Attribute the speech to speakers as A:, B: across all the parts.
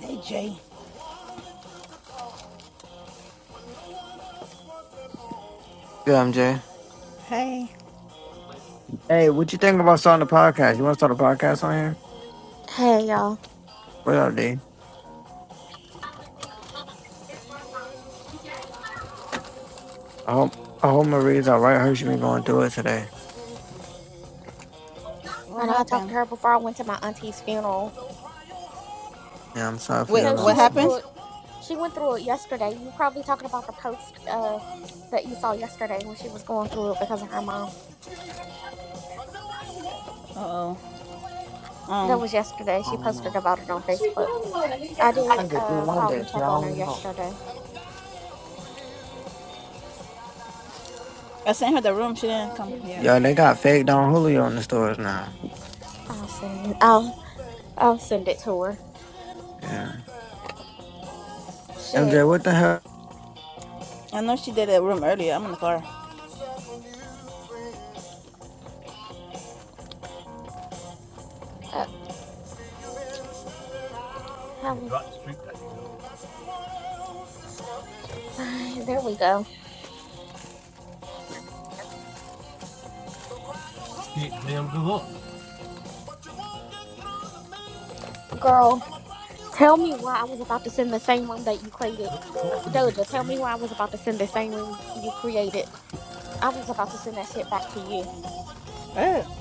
A: Hey, Jay.
B: Good, MJ.
A: Hey,
B: Hey, what you think about starting a podcast? You want to start a podcast on here?
C: Hey y'all.
B: What up, D? I hope I hope Marie's all right. I heard she been going through it today.
A: what
C: I know I talked
A: happened?
C: to her before I went to my auntie's funeral.
B: Yeah, I'm sorry for
A: Wait,
B: your
C: No, she
A: what
B: loss.
C: went
B: I
A: happened?
C: through it. She went through it yesterday. You probably talking about the post uh that you saw yesterday when she was going through it because of her mom.
A: Uh oh.
C: That
A: Um,
C: was yesterday. She
B: don't
C: posted
B: know.
C: about it on
B: What's she
C: Facebook.
B: doing?
C: I did
B: I could do
C: uh
B: one
C: call
B: day.
C: and
B: but I
C: check on her
B: don't know.
C: yesterday.
A: I sent her the room. She didn't come here.
B: Yo, they got fake Don Julio in the stores now.
C: I'll send I'll I'll send it to her.
B: Yeah.
C: Shit.
B: MJ, what the hell?
A: I know she did a room earlier. I'm in the car.
C: Uh how
A: Hey,
C: was?
A: drop the street that you know.
C: there we go.
A: Stick damn good up.
C: Girl, tell me why I was about to send the same room that you created.
A: talking to me,
C: Doja, tell me
A: baby?
C: why I was about to send the same room you created I was about to send that shit back to you.
A: Oh.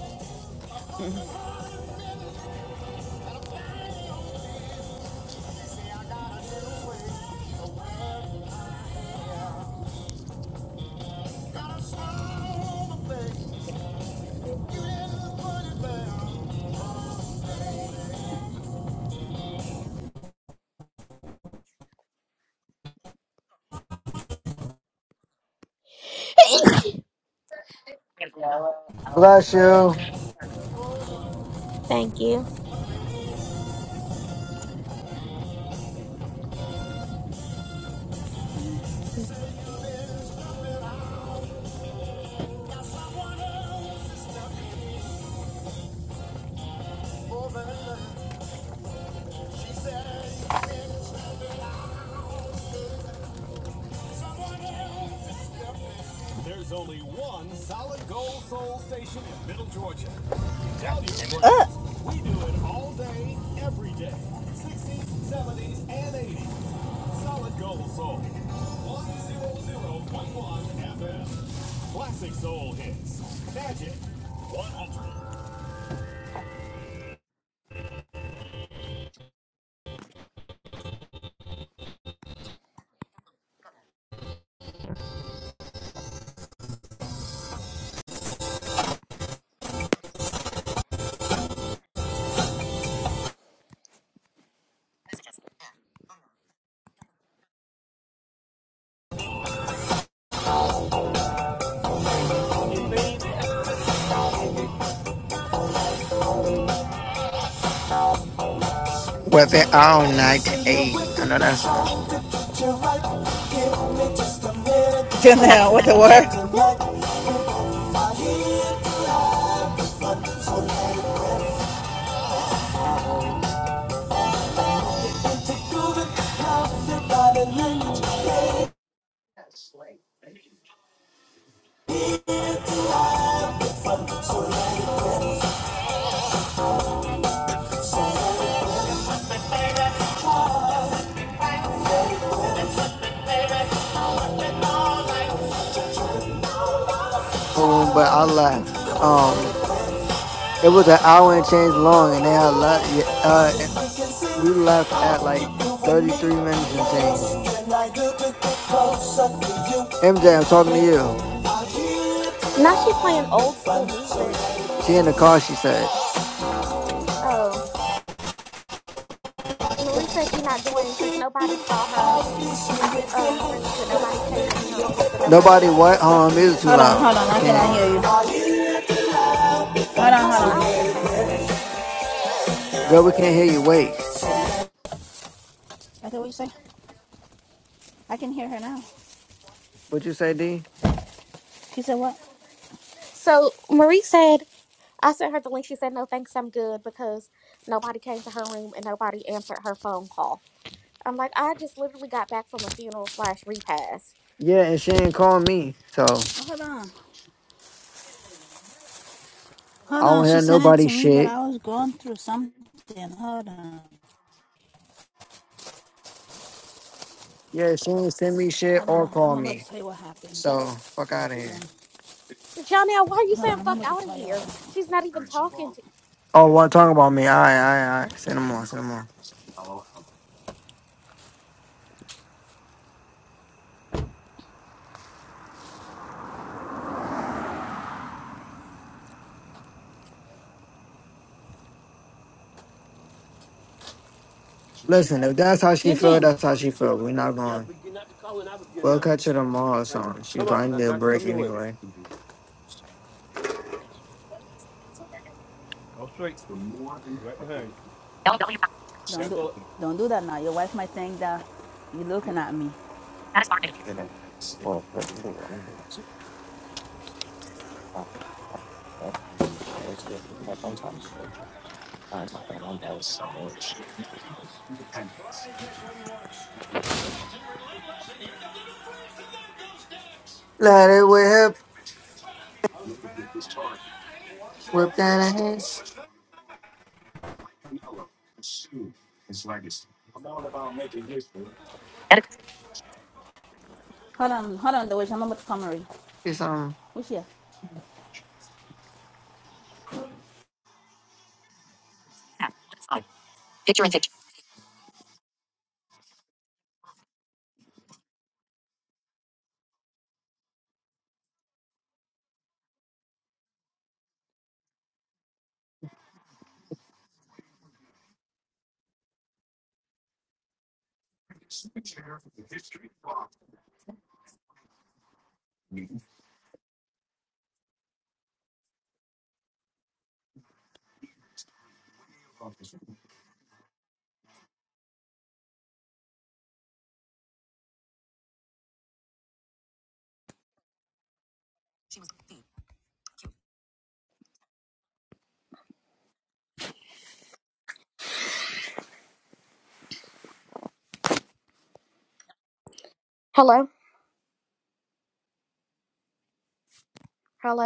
B: Bless you.
C: Thank you.
A: There's only one solid gold soul station in Middle Georgia. tell you Uh. we do it all day, every day. 60s, 70s, and 80s. Solid Gold Soul. 100.1 FM. Classic Soul Hits. Magic 100.
B: Weapon all night. Hey, I know that song.
A: Jim, now what the word?
B: No room, but I left. Um, it was an hour and change long, and they had a lot. Uh, we left at like 33 minutes and change. MJ, I'm talking to you.
C: Now she playing old school music.
B: She in the car, she said.
C: Oh, Marie says she not joining because nobody saw her uh rooms and nobody came into her rooms and nobody.
B: Nobody what? Hold on, music too
A: Hold on,
B: loud.
A: hold on.
B: I
A: I
B: can't hear
A: cannot
B: you.
A: hear you. Hold on,
C: Hold
A: hold
C: on,
A: on. I
C: I'll just text you Doja.
B: Girl, we can't hear you. Wait.
A: said, what you say? I can hear her now.
B: What you say, D?
A: She said, what?
C: So Marie said I sent her the link. She said no, thanks, I'm good because nobody came to her room and nobody answered her phone call. I'm like, I just literally got back from a funeral slash repast.
B: Yeah, and she ain't calling me. So
A: Hold on.
B: I
A: Hold on.
B: don't
A: She
B: hear
A: sent it
B: nobody
A: to me, but
B: shit.
A: I was going through something. Hold on.
B: Yeah, she ain't send me shit
A: Hold
B: or
A: on.
B: call
A: I'm about to
B: me.
A: tell you what happened.
B: So fuck out of here.
A: Hold on.
C: Jonelle, why are you
A: Hold on.
C: saying
A: I'm
C: fuck
A: about to
C: out of
A: tell you what
C: here?
A: happened.
C: She's not even talking to.
B: Oh, what talking about me? All right, all right, all right. Send them on, send them on. Listen, if that's how she feel,
A: Eugene.
B: that's how she feel. We're not
A: Yeah,
B: going.
A: but you're not the caller I was getting
B: We'll
A: now.
B: catch her tomorrow or
A: Like,
B: something. She
A: come on,
B: probably
A: I
B: need a
A: got you. Come
B: break
A: your way.
B: anyway.
A: Go straight. Right behind you. Don't do, don't do that now. Your wife might think that you're looking at me.
B: Let it whip. Whip that ass.
A: Hold on, hold on, the way I'm about to come, Marie.
B: Do something.
A: Who's here?
C: Hello, hello.